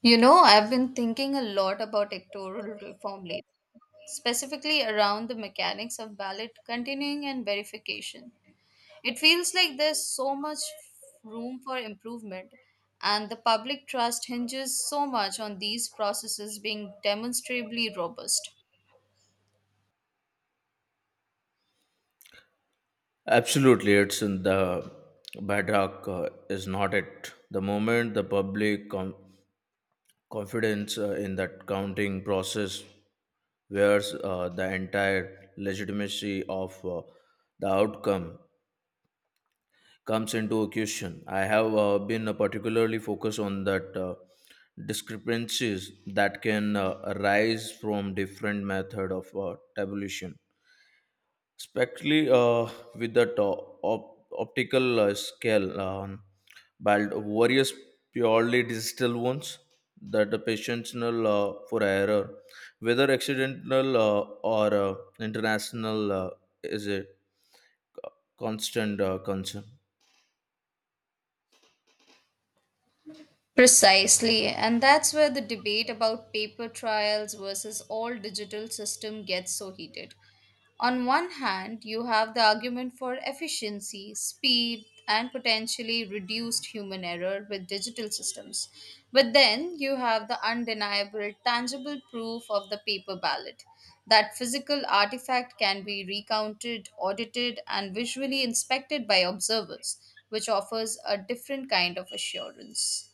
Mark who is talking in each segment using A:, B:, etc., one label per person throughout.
A: You know, I've been thinking a lot about electoral reform lately, specifically around the mechanics of ballot continuing and verification. It feels like there's so much room for improvement, and the public trust hinges so much on these processes being demonstrably robust.
B: Absolutely, it's in the bedrock, is not it. The moment the public confidence, in that counting process where's, the entire legitimacy of, the outcome comes into question. I have been particularly focused on that, discrepancies that can arise from different method of tabulation. Especially, with that optical scale, but various purely digital ones, that the patientnal, for error, whether accidental, or international, is a constant concern.
A: Precisely, and that's where the debate about paper trials versus all digital system gets so heated. On one hand, you have the argument for efficiency, speed, and potentially reduced human error with digital systems. But then you have the undeniable, tangible proof of the paper ballot. That physical artifact can be recounted, audited, and visually inspected by observers, which offers a different kind of assurance.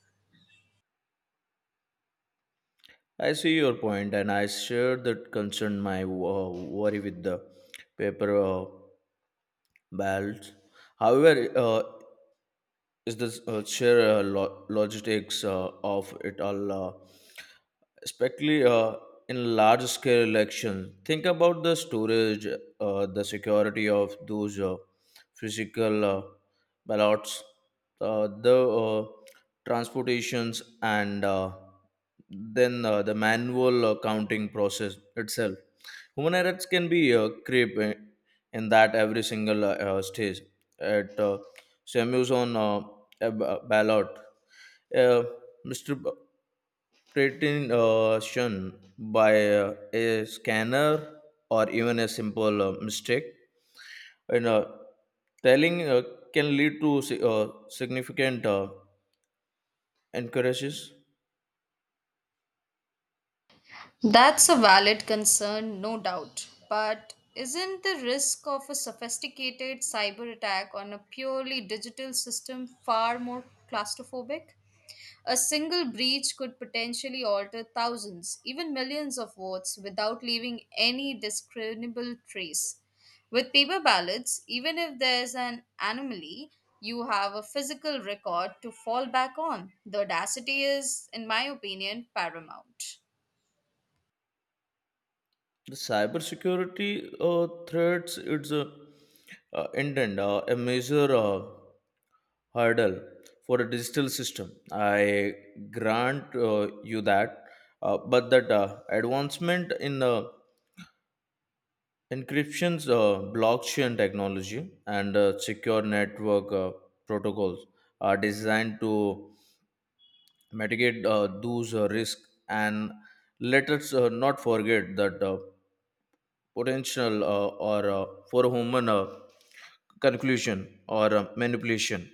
B: I see your point and I share that concern. My worry with the paper, belts, however, uh, is this, sheer, logistics of it all, especially, in large scale election. Think about the storage, the security of those physical ballots, the transportations, and then the manual counting process itself. Human errors can be creep in that every single stage. At Samuels on a ballot. Uh, Mr. Pretension by a scanner, or even a simple mistake in telling, can lead to significant increases.
A: That's a valid concern, no doubt. But isn't the risk of a sophisticated cyber attack on a purely digital system far more claustrophobic? A single breach could potentially alter thousands, even millions of votes without leaving any discernible trace. With paper ballots, even if there's an anomaly, you have a physical record to fall back on. The audacity is, in my opinion, paramount.
B: The cybersecurity threats, it's a intent, a major. Hurdle for a digital system. I grant you that, but that advancement in encryptions, blockchain technology, and secure network protocols are designed to mitigate those risks. And let us not forget that potential, or for human conclusion or manipulation.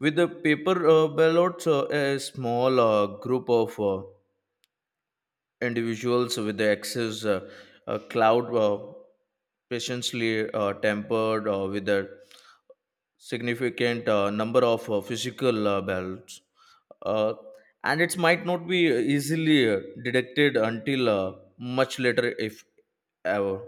B: With the paper ballots, a small group of individuals with the access, cloud patiently tempered with a significant number of physical ballots. Uh, and it might not be easily detected until much later, if ever.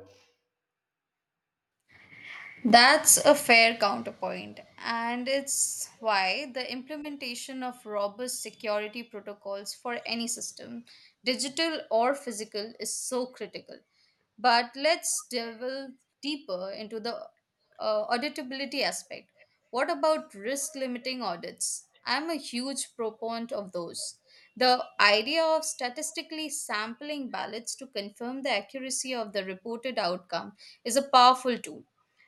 A: That's a fair counterpoint, and it's why the implementation of robust security protocols for any system, digital or physical, is so critical. But let's delve deeper into the auditability aspect. What about risk limiting audits? I'm a huge proponent of those. The idea of statistically sampling ballots to confirm the accuracy of the reported outcome is a powerful tool.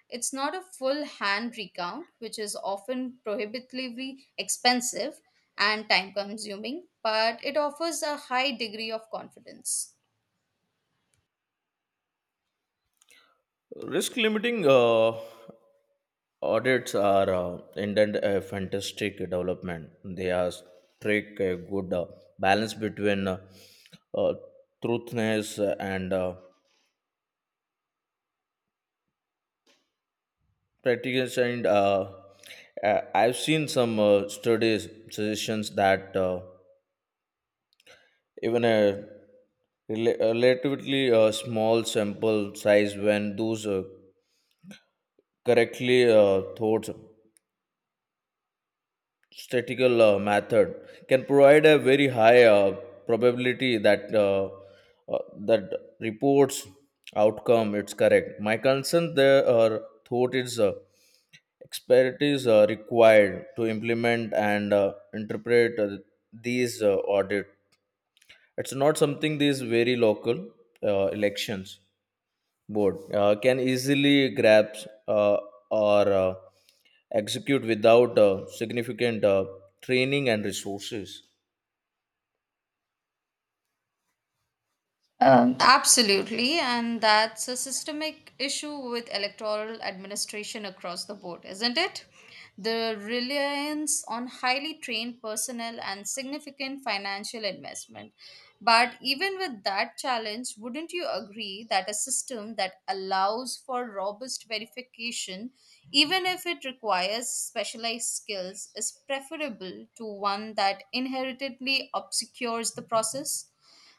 A: It's not a full hand recount, which is often prohibitively expensive and time consuming, but it offers a high degree of confidence.
B: Risk limiting audits are indeed a fantastic development. They are strike a good balance between uh, truthness and practice. And I've seen some studies suggestions that, even a relatively small sample size, when those correctly thought, statistical method can provide a very high probability that, uh, that reports outcome it's correct. My concern there or thought is expertise required to implement and interpret these audit. It's not something these very local elections board can easily grasp or execute without significant training and resources.
A: Absolutely, and that's a systemic issue with electoral administration across the board, isn't it? The reliance on highly trained personnel and significant financial investment. But even with that challenge, wouldn't you agree that a system that allows for robust verification, even if it requires specialized skills, is preferable to one that inherently obscures the process?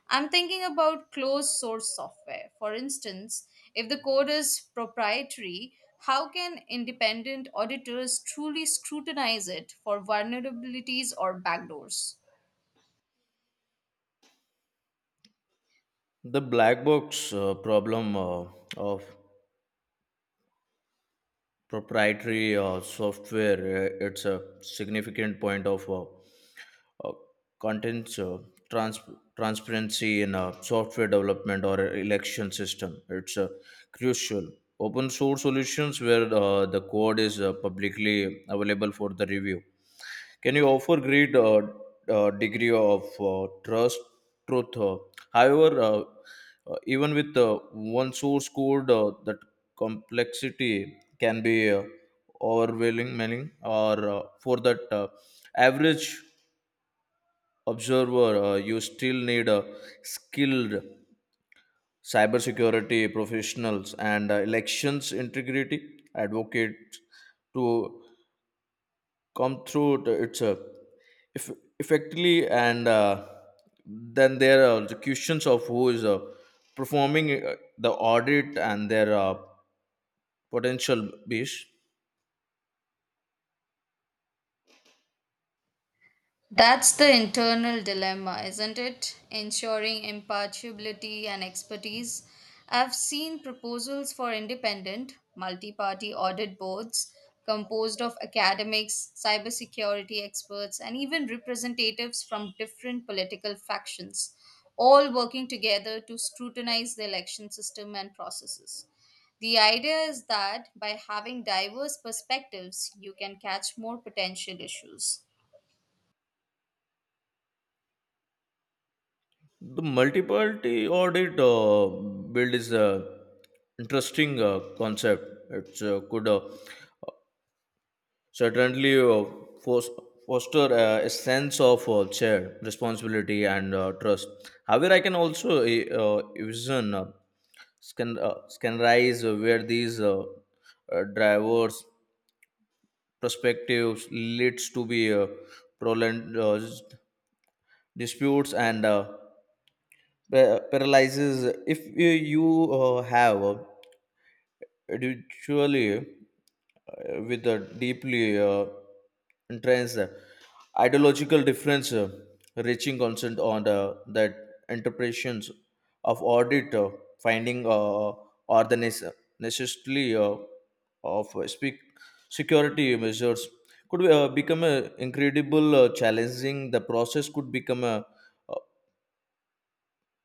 A: I'm thinking about closed source software. For instance, if the code is proprietary, how can independent auditors truly scrutinize it for vulnerabilities or backdoors?
B: The black box problem of proprietary software, it's a significant point of uh, contents, trans- transparency in software development or election system, it's crucial. Open source solutions where the code is publicly available for the review. Can you offer great degree of trust, truth? However, even with one source code, that complexity can be overwhelming, or for that average observer, you still need skilled cybersecurity professionals and elections integrity advocates to come through the, it's if effectively, and then there are the questions of who is performing the audit and their potential base.
A: That's the internal dilemma, isn't it? Ensuring impartiality and expertise. I've seen proposals for independent, multi party audit boards composed of academics, cybersecurity experts, and even representatives from different political factions, all working together to scrutinize the election system and processes. The idea is that by having diverse perspectives, you can catch more potential issues.
B: The multiparty audit build is a interesting concept. It could certainly fos- foster a sense of shared responsibility and trust. However, I can also envision can rise where these diverse perspectives leads to be prolonged disputes and paralyzes. If you have individually with a deeply entrenched ideological difference, reaching consent on the, that interpretations of audit finding, or the necessity of speak security measures could become a incredible challenging. The process could become a, uh,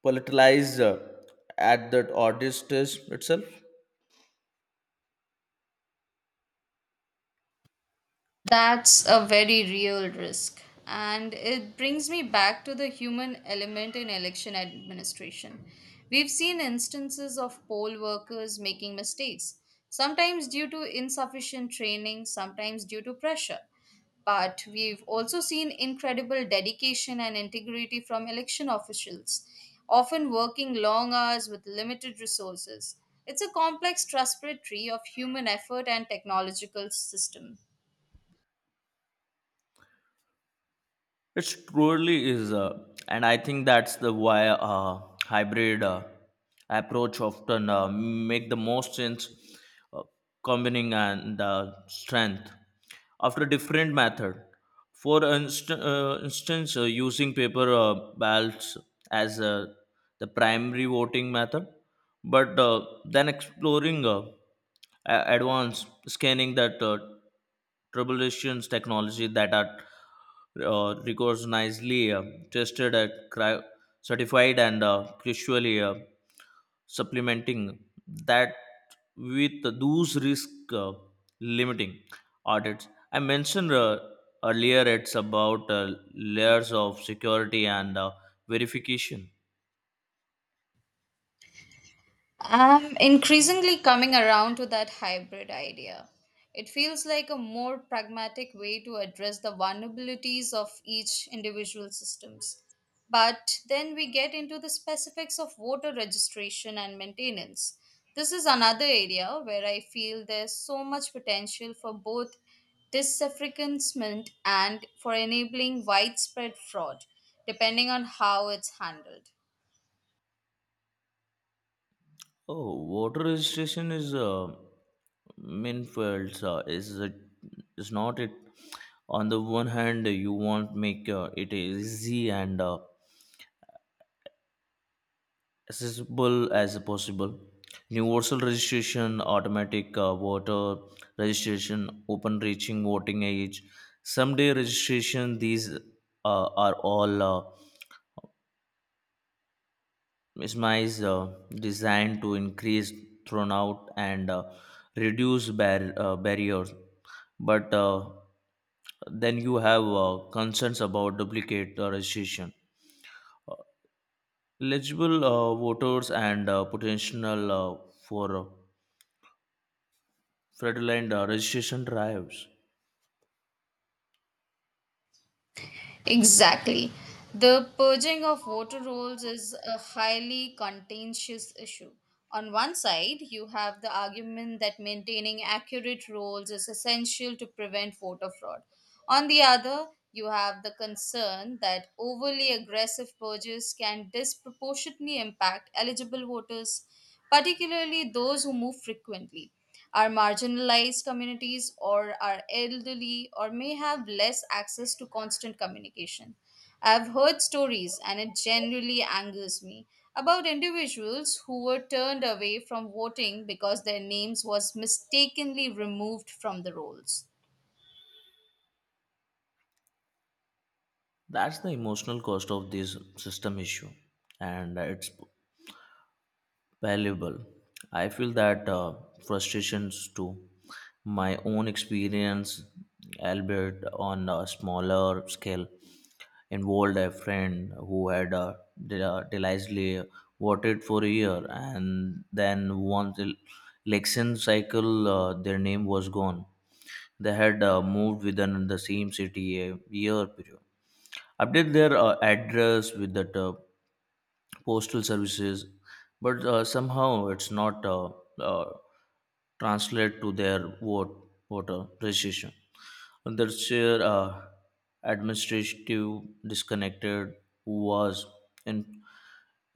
B: politicized at that audit stage itself.
A: That's a very real risk. And it brings me back to the human element in election administration. We've seen instances of poll workers making mistakes, sometimes due to insufficient training, sometimes due to pressure. But we've also seen incredible dedication and integrity from election officials, often working long hours with limited resources. It's a complex trust tree of human effort and technological system.
B: It truly is, and I think that's the why hybrid approach often make the most sense, uh, combining and strength after different method. For instance, using paper ballots as the primary voting method, but then exploring advanced scanning that. Troubleshooting technology that are recognizedly tested, at certified, and crucially, supplementing that with those risk uh, limiting audits I mentioned earlier. It's about layers of security and verification.
A: I'm increasingly coming around to that hybrid idea. It feels like a more pragmatic way to address the vulnerabilities of each individual systems. But then we get into the specifics of voter registration and maintenance. This is another area where I feel there's so much potential for both disaffranchisement and for enabling widespread fraud, depending on how it's handled.
B: Oh, voter registration is Minfields, is not it? On the one hand, you want make it easy and accessible as possible. Universal registration, automatic voter registration, open reaching voting age, someday registration. These are all. SMIs designed to increase turnout and reduce barriers, but then you have concerns about duplicate registration. Uh, Eligible voters and potential for fraudulent registration drives.
A: Exactly. The purging of water roles is a highly contentious issue. On one side, you have the argument that maintaining accurate roles is essential to prevent voter fraud. On the other, you have the concern that overly aggressive purges can disproportionately impact eligible voters, particularly those who move frequently, are marginalized communities, or are elderly, or may have less access to constant communication. I've heard stories, and it generally angers me, about individuals who were turned away from voting because their names was mistakenly removed from the rolls.
B: That's the emotional cost of this system issue, and it's valuable. I feel that frustrations too. My own experience, albeit on a smaller scale, involved a friend who had delightfully voted for a year, and then once the election cycle, their name was gone. They had moved within the same city a year period. Update their address with that postal services, but somehow it's not uh, translate to their voter registration. And the sheer administrative disconnected was in,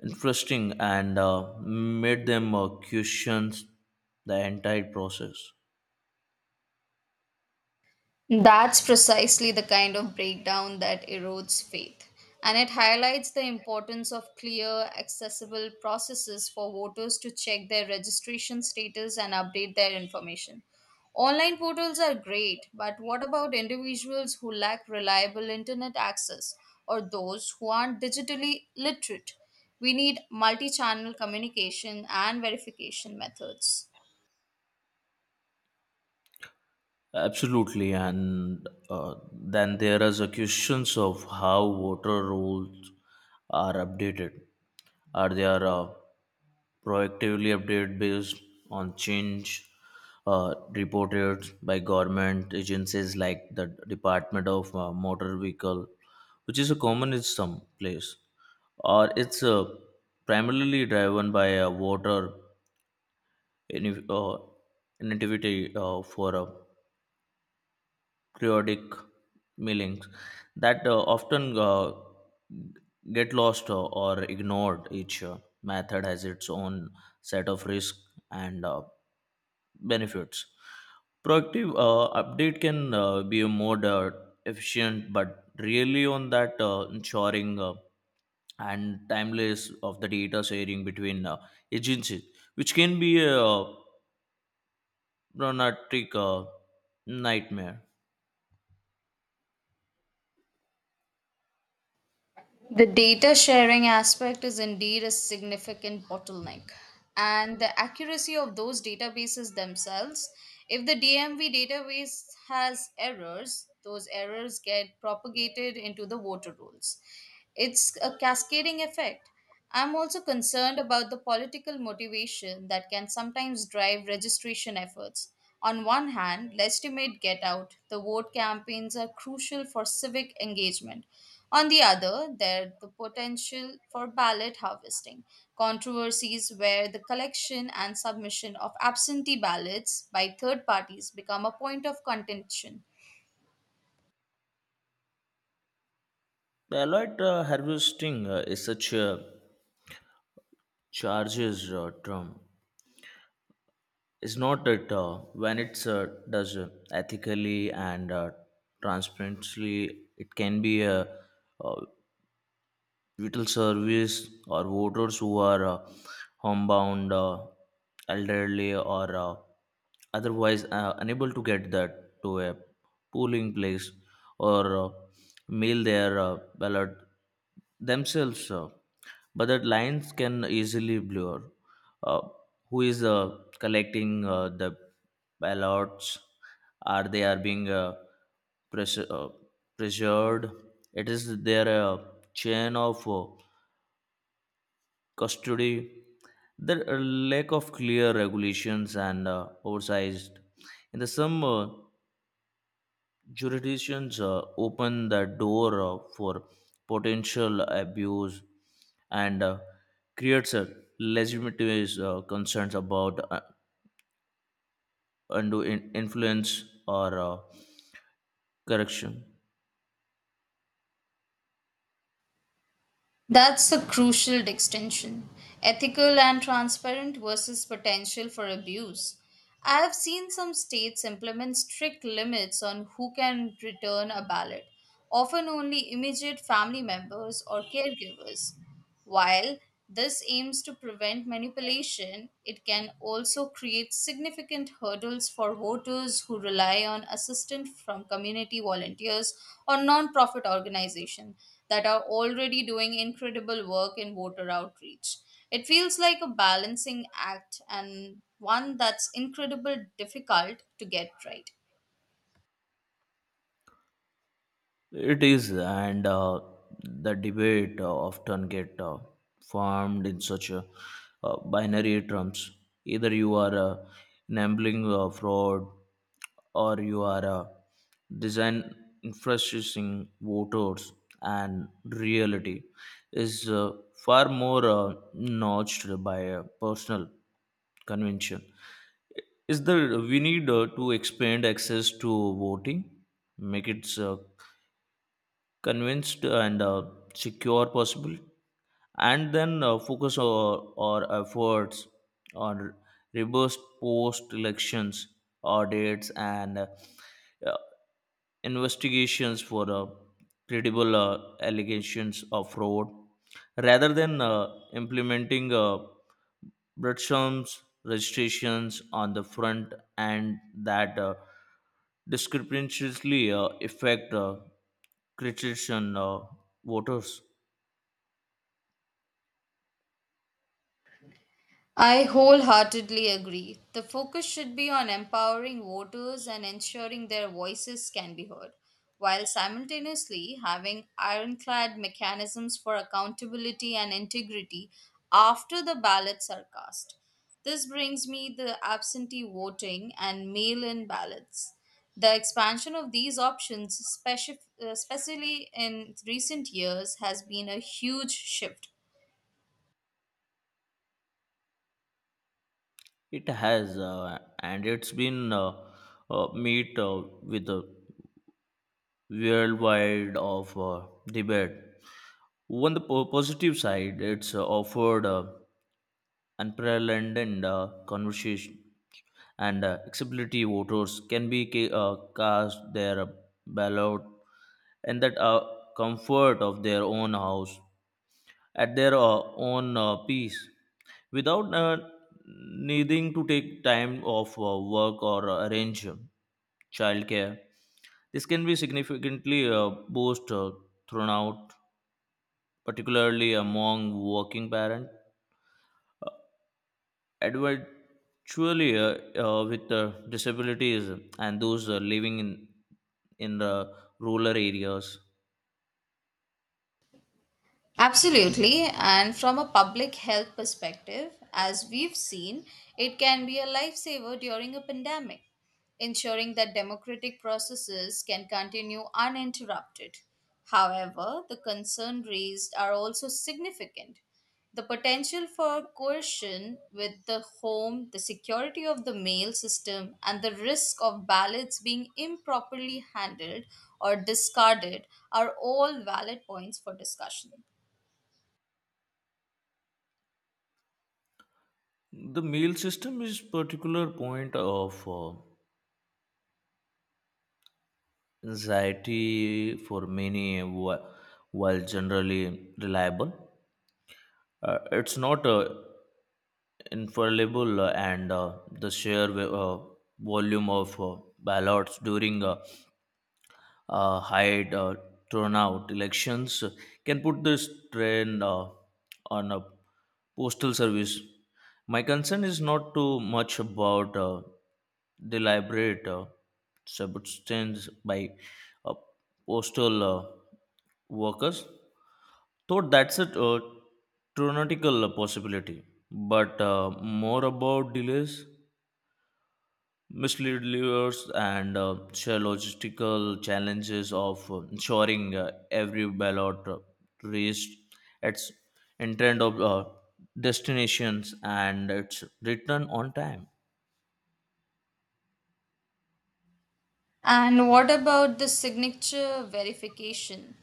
B: interesting, and made them question the entire process.
A: That's precisely the kind of breakdown that erodes faith. And it highlights the importance of clear, accessible processes for voters to check their registration status and update their information. Online portals are great, but what about individuals who lack reliable internet access or those who aren't digitally literate? We need multi channel communication and verification methods.
B: Absolutely, and then there is a questions of how voter rolls are updated. Are they are proactively update based on change reported by government agencies like the Department of Motor Vehicle, which is a common in some place, or it's primarily driven by a voter in, uh, inactivity for periodic mailings that often get lost or ignored. Each method has its own set of risks and benefits. Proactive update can be a more efficient, but really on that ensuring and timeless of the data sharing between agencies, which can be a problematic nightmare.
A: The data sharing aspect is indeed a significant bottleneck, and the accuracy of those databases themselves. If the DMV database has errors, those errors get propagated into the voter rolls. It's a cascading effect. I'm also concerned about the political motivation that can sometimes drive registration efforts. On one hand, legitimate get out, the vote campaigns are crucial for civic engagement. On the other, there the potential for ballot harvesting, controversies where the collection and submission of absentee ballots by third parties become a point of contention.
B: The alert harvesting is such a charges term. It's not that, when it's does ethically and transparently, it can be a uh, vital service or voters who are homebound, elderly, or otherwise unable to get that to a polling place or mail their ballot themselves. But that lines can easily blur, uh, who is collecting the ballots, are they are being pressure, uh, pressured. It is their chain of custody. The lack of clear regulations and oversized in the some jurisdictions open the door for potential abuse and creates a legitimate concerns about undo influence or correction.
A: That's a crucial distinction, ethical and transparent versus potential for abuse. I have seen some states implement strict limits on who can return a ballot, often only immediate family members or caregivers. While this aims to prevent manipulation, it can also create significant hurdles for voters who rely on assistance from community volunteers or non-profit organizations that are already doing incredible work in voter outreach. It feels like a balancing act and one that's incredibly difficult to get right.
B: It is, and the debate often get formed in such a, binary terms. Either you are enabling fraud, or you are design influencing voters, and reality is far more notched by personal convention. Is there we need to expand access to voting, make it convinced and secure possible, and then focus our efforts on reverse post elections audits and uh, investigations for credible allegations of fraud, rather than implementing Bretson's registrations on the front, and that discrepancies affect critics and voters.
A: I wholeheartedly agree. The focus should be on empowering voters and ensuring their voices can be heard, while simultaneously having ironclad mechanisms for accountability and integrity after the ballots are cast. This brings me the absentee voting and mail in ballots. The expansion of these options, especially in recent years, has been a huge shift.
B: It has, and it's been meet with a worldwide of debate. On the positive side, it's offered unprecedented conversation and accessibility. Voters can be cast their ballot in that comfort of their own house, at their own pace, without needing to take time off work or arrange childcare. This can be significantly boost throughout, particularly among working parents, uh, individually with disabilities, and those living in the rural areas.
A: Absolutely, and from a public health perspective, as we've seen, it can be a lifesaver during a pandemic, ensuring that democratic processes can continue uninterrupted. However, the concerns raised are also significant. The potential for coercion with the home, the security of the mail system, and the risk of ballots being improperly handled or discarded are all valid points for discussion.
B: The meal system is particular point of anxiety for many, while generally reliable, it's not infallible, and the sheer volume of ballots during high turnout elections can put this trend on a postal service. My concern is not too much about deliberate substance by uh, postal workers, though that's a theoretical possibility, but more about delays, misleaders, and share logistical challenges of ensuring every ballot reached its intended of destinations and its return on time.
A: And what about the signature verification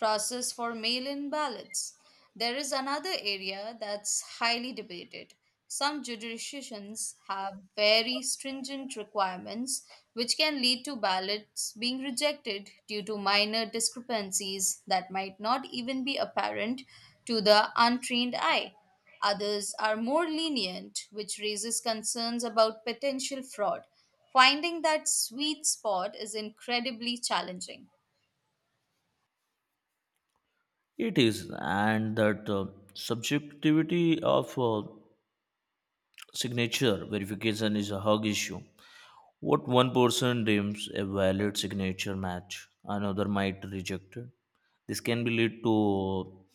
A: process for mail in ballots? There is another area that's highly debated. Some jurisdictions have very stringent requirements, which can lead to ballots being rejected due to minor discrepancies that might not even be apparent to the untrained eye. Others are more lenient, which raises concerns about potential fraud. Finding that sweet spot is incredibly challenging.
B: It is, and that subjectivity of signature verification is a hug issue. What one person deems a valid signature match, another might reject it. This can be lead to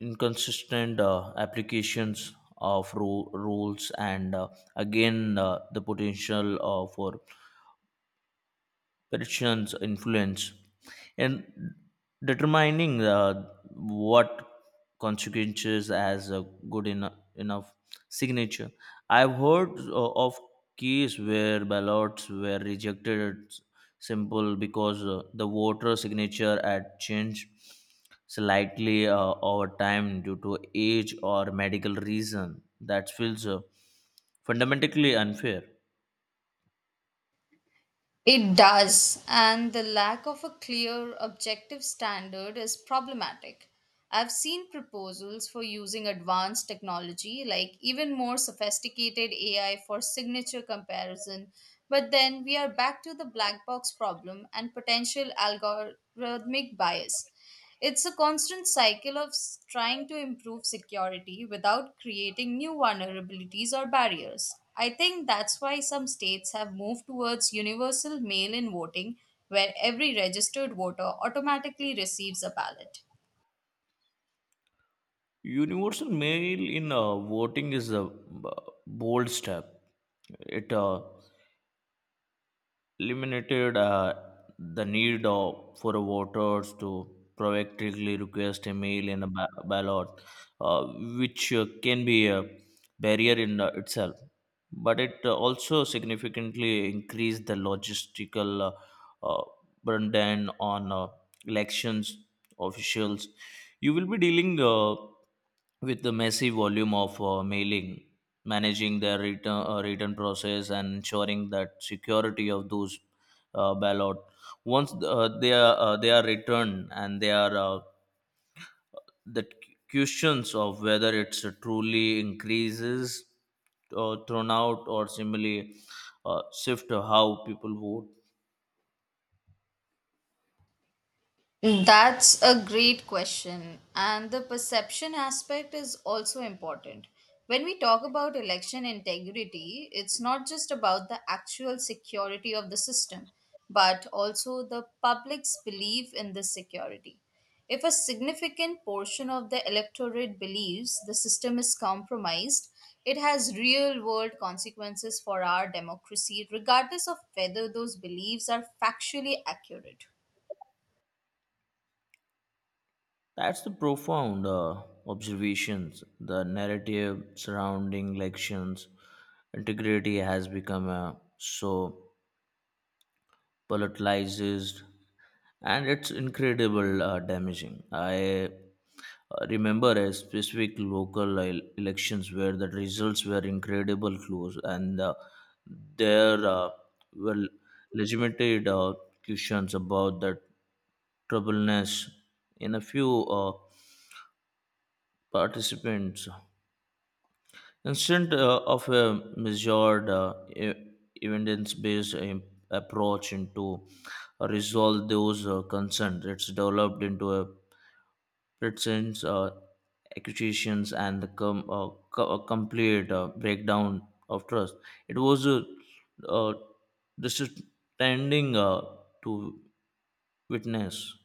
B: inconsistent applications of rules and again, the potential for Persians' influence in determining what consequences as a good enough signature. I've heard of cases where ballots were rejected simple because the voter signature had changed slightly over time due to age or medical reason. That feels fundamentally unfair.
A: It does, and the lack of a clear objective standard is problematic. I've seen proposals for using advanced technology, like even more sophisticated AI for signature comparison, but then we are back to the black box problem and potential algorithmic bias. It's a constant cycle of trying to improve security without creating new vulnerabilities or barriers. I think that's why some states have moved towards universal mail in voting, where every registered voter automatically receives a ballot.
B: Universal mail in voting is a bold step. It eliminated the for voters to proactively request a mail in a ballot, uh, which can be a barrier in itself. But it also significantly increased the logistical burden on elections officials. You will be dealing. With the massive volume of mailing, managing their return, return process, and ensuring that security of those ballot. Once they are returned and they are the questions of whether it's truly increases or thrown out or similarly shift how people vote.
A: That's a great question. And the perception aspect is also important. When we talk about election integrity, it's not just about the actual security of the system, but also the public's belief in this security. If a significant portion of the electorate believes the system is compromised, it has real world consequences for our democracy, regardless of whether those beliefs are factually accurate.
B: That's the profound observations. The narrative surrounding elections integrity has become so politicized, and it's incredible damaging. I remember a specific local elections where the results were incredible close, and there were legitimate questions about the troubleness in a few. Participants. Instead of a measured evidence based approach into resolve those concerns, it's developed into a presence accusations and the complete breakdown of trust. It was a uh, uh, disheartening to witness.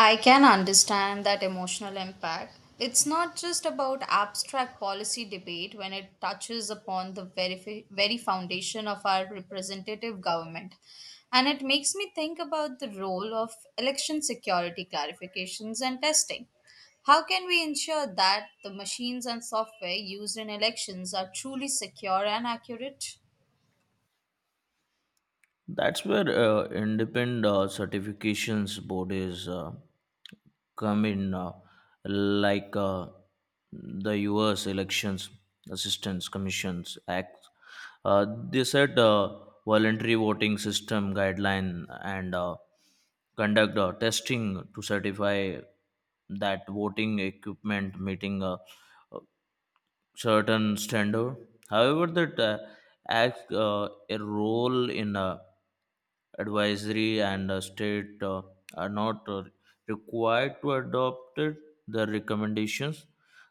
A: I can understand that emotional impact. It's not just about abstract policy debate when it touches upon the very foundation of our representative government. And it makes me think about the role of election security clarifications and testing. How can we ensure that the machines and software used in elections are truly secure and accurate?
B: That's where independent certifications board is come in, like the U.S. Elections Assistance Commissions Act. They set voluntary voting system guideline and conduct testing to certify that voting equipment meeting certain standard. However, that acts a role in advisory and state are not required to adopt it, the recommendations.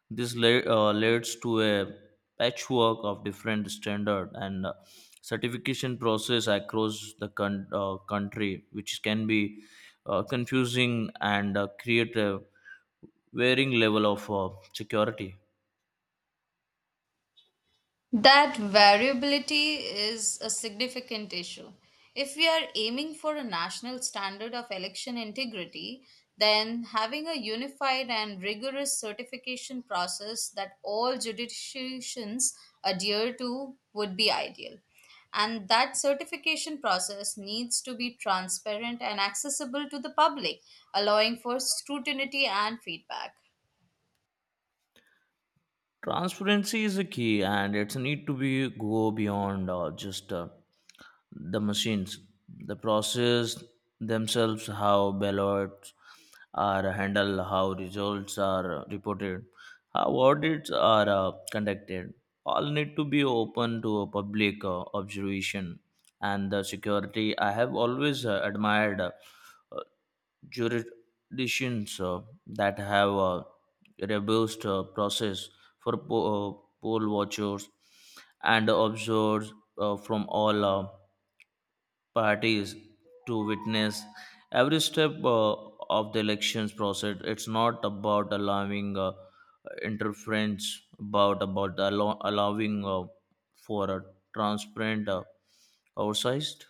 B: This leads to a patchwork of different standard and certification process across the country, which can be confusing and create a varying level of security.
A: That variability is a significant issue. If we are aiming for a national standard of election integrity, then having a unified and rigorous certification process that all jurisdictions adhere to would be ideal. And that certification process needs to be transparent and accessible to the public, allowing for scrutiny and feedback.
B: Transparency is a key, and it's a need to be go beyond just the machines, the process themselves, how ballots are handled, how results are reported, how audits are conducted, all need to be open to a public observation and the security. I have always admired jurisdictions that have a robust process for poll watchers and observers from all parties to witness every step of the elections process. It's not about allowing interference, allowing for a transparent oversight.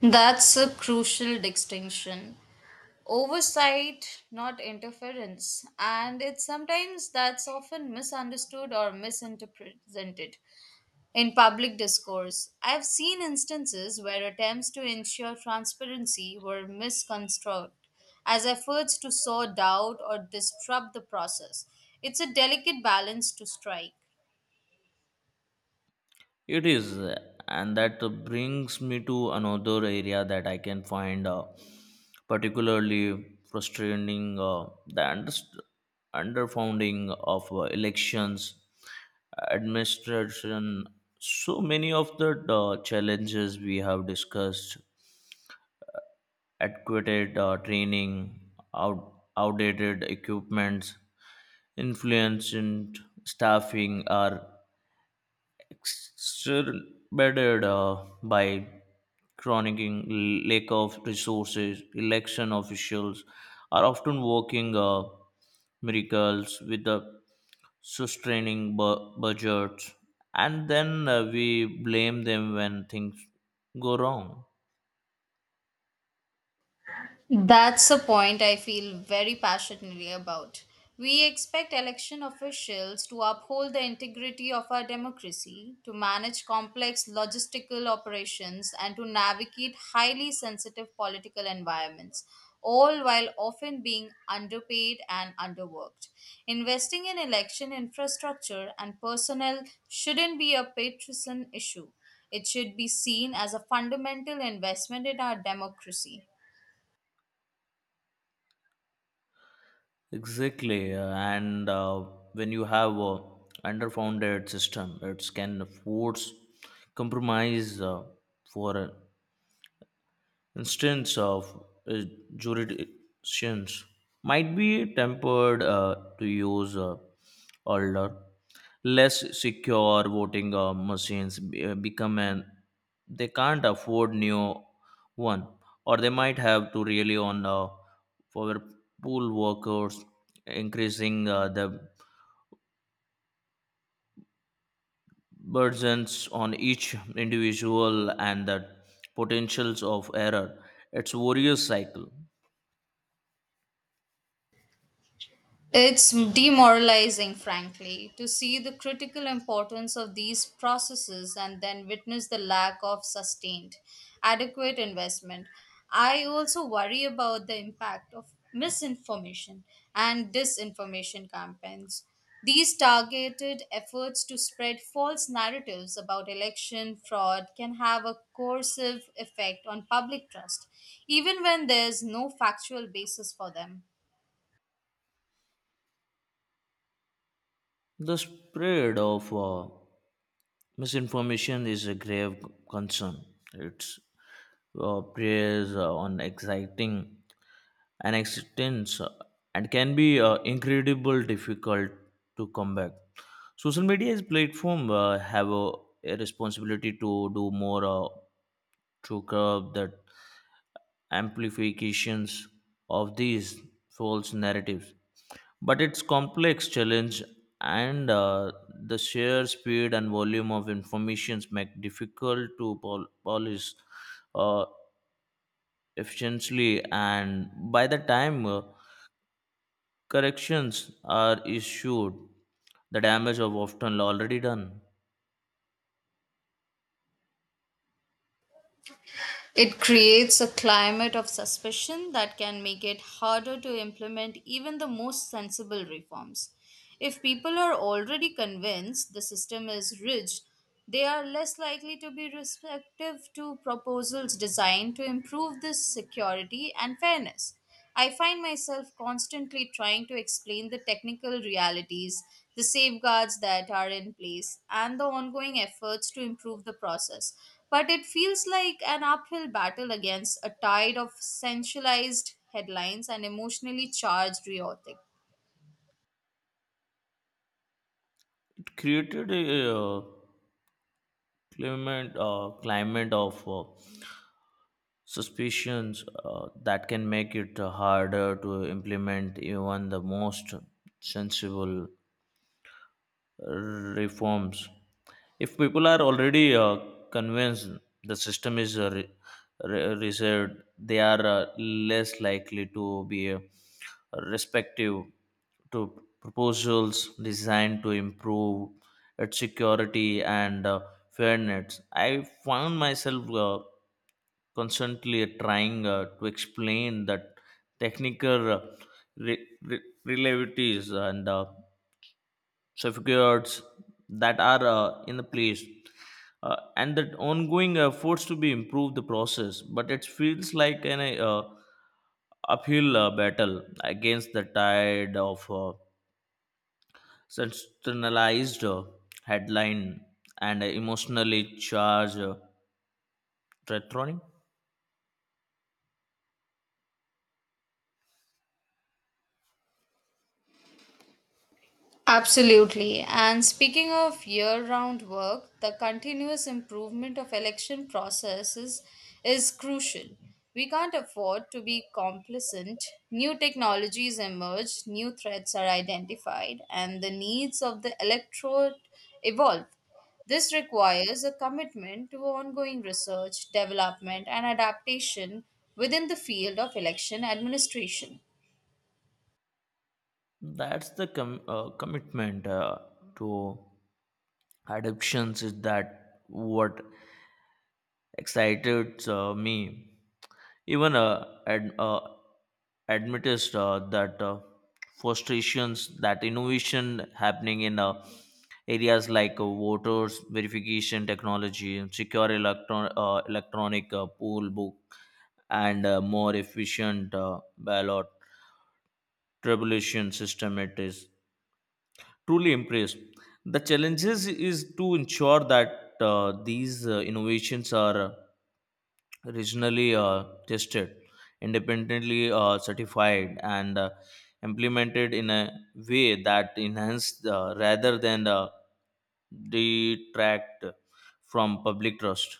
A: That's a crucial distinction. Oversight, not interference. And it's sometimes that's often misunderstood or misinterpreted in public discourse. I've seen instances where attempts to ensure transparency were misconstrued as efforts to sow doubt or disrupt the process. It's a delicate balance to strike.
B: It is, and that brings me to another area that I can find particularly frustrating, the underfunding of elections administration. So many of the challenges we have discussed: adequate training, outdated equipment, influenced staffing, are exacerbated by chronicing lack of resources. Election officials are often working miracles with the sustaining budgets, and then we blame them when things go wrong.
A: That's a point I feel very passionately about. We expect election officials to uphold the integrity of our democracy, to manage complex logistical operations, and to navigate highly sensitive political environments, all while often being underpaid and underworked. Investing in election infrastructure and personnel shouldn't be a partisan issue. It should be seen as a fundamental investment in our democracy.
B: Exactly, and when you have a underfunded system, it can force compromise. For instance of uh, jurisdictions might be tempered to use older, less secure voting machines become an they can't afford new one, or they might have to rely on for pool workers, increasing the burdens on each individual and the potentials of error. It's a warrior cycle.
A: It's demoralizing, frankly, to see the critical importance of these processes and then witness the lack of sustained, adequate investment. I also worry about the impact of misinformation and disinformation campaigns. These targeted efforts to spread false narratives about election fraud can have a coercive effect on public trust, even when there's no factual basis for them.
B: The spread of misinformation is a grave concern. It preys on exciting an existence, and can be incredibly difficult to combat. Social media as platform have a responsibility to do more to curb that amplifications of these false narratives. But its complex challenge and the sheer speed and volume of information make difficult to polish uh, efficiently. And by the time corrections are issued, the damage of often already done.
A: It creates a climate of suspicion that can make it harder to implement even the most sensible reforms. If people are already convinced the system is rigid, they are less likely to be receptive to proposals designed to improve this security and fairness. I find myself constantly trying to explain the technical realities, the safeguards that are in place, and the ongoing efforts to improve the process. But it feels like an uphill battle against a tide of sensationalized headlines and emotionally charged rhetoric.
B: It created a climate of suspicions that can make it harder to implement even the most sensible reforms. If people are already convinced the system is reserved, they are less likely to be respective to proposals designed to improve its security and fairness. I found myself constantly trying to explain that technical relativities and safeguards that are in the place and that ongoing efforts to be improved the process, but it feels like an uphill battle against the tide of sensationalized headline and emotionally charged retronic.
A: Absolutely. And speaking of year-round work, the continuous improvement of election processes is crucial. We can't afford to be complacent. New technologies emerge, new threats are identified, and the needs of the electorate evolve. This requires a commitment to ongoing research, development, and adaptation within the field of election administration.
B: That's the commitment to adoptions is that what excited me. Even admitted that frustrations that innovation happening in areas like voters verification technology, secure electronic poll book, and more efficient ballot tribulation system. It is truly impressed. The challenges is to ensure that these innovations are regionally tested, independently certified, and implemented in a way that enhanced rather than detract from public trust.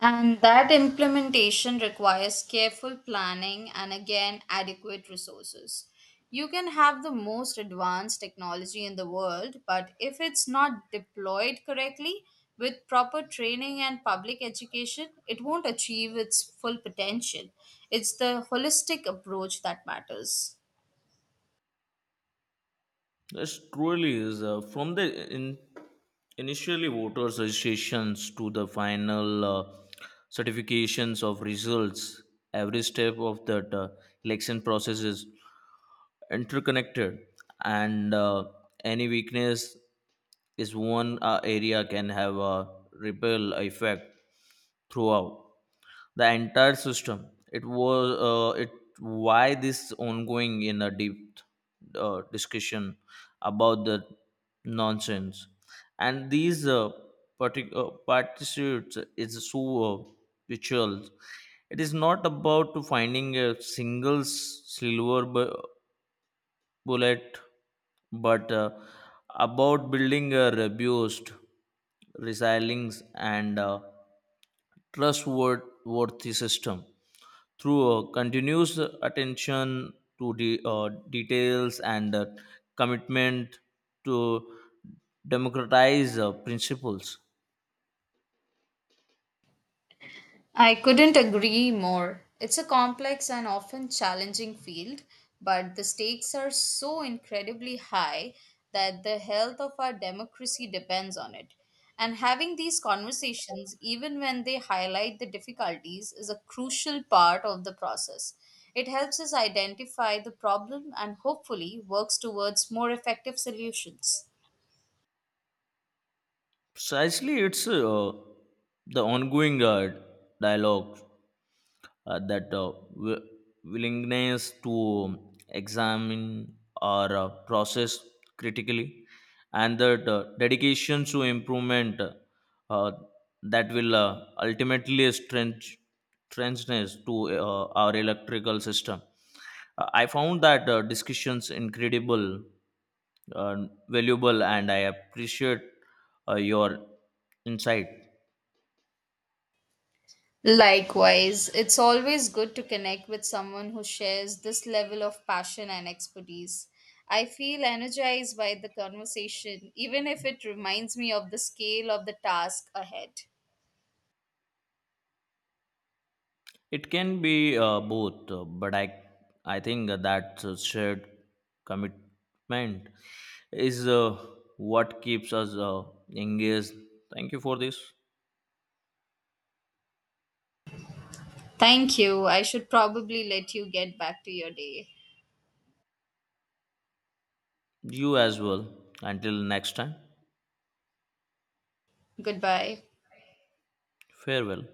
A: And that implementation requires careful planning and again adequate resources. You can have the most advanced technology in the world, but if it's not deployed correctly with proper training and public education, it won't achieve its full potential. It's the holistic approach that matters.
B: This truly is, initially voters' registrations to the final certifications of results. Every step of that election process is interconnected, and any weakness is one area can have a ripple effect throughout the entire system. It was it why this ongoing in a deep discussion about the nonsense and these particular participants is so visual. It is not about to finding a single bullet, but about building a robust, resilient, and trustworthy system through a continuous attention to the details and commitment to democratize principles.
A: I couldn't agree more. It's a complex and often challenging field, but the stakes are so incredibly high that the health of our democracy depends on it. And having these conversations, even when they highlight the difficulties, is a crucial part of the process. It helps us identify the problem and hopefully works towards more effective solutions.
B: Precisely, it's the ongoing dialogue, that willingness to examine or process critically, and that dedication to improvement, uh, that will ultimately strengthen to our electrical system. I found that discussions incredible uh, valuable, and I appreciate your insight.
A: Likewise, it's always good to connect with someone who shares this level of passion and expertise. I feel energized by the conversation, even if it reminds me of the scale of the task ahead.
B: It can be both, but I think that shared commitment is what keeps us engaged. Thank you for this.
A: Thank you. I should probably let you get back to your day.
B: You as well. Until next time,
A: Goodbye.
B: farewell.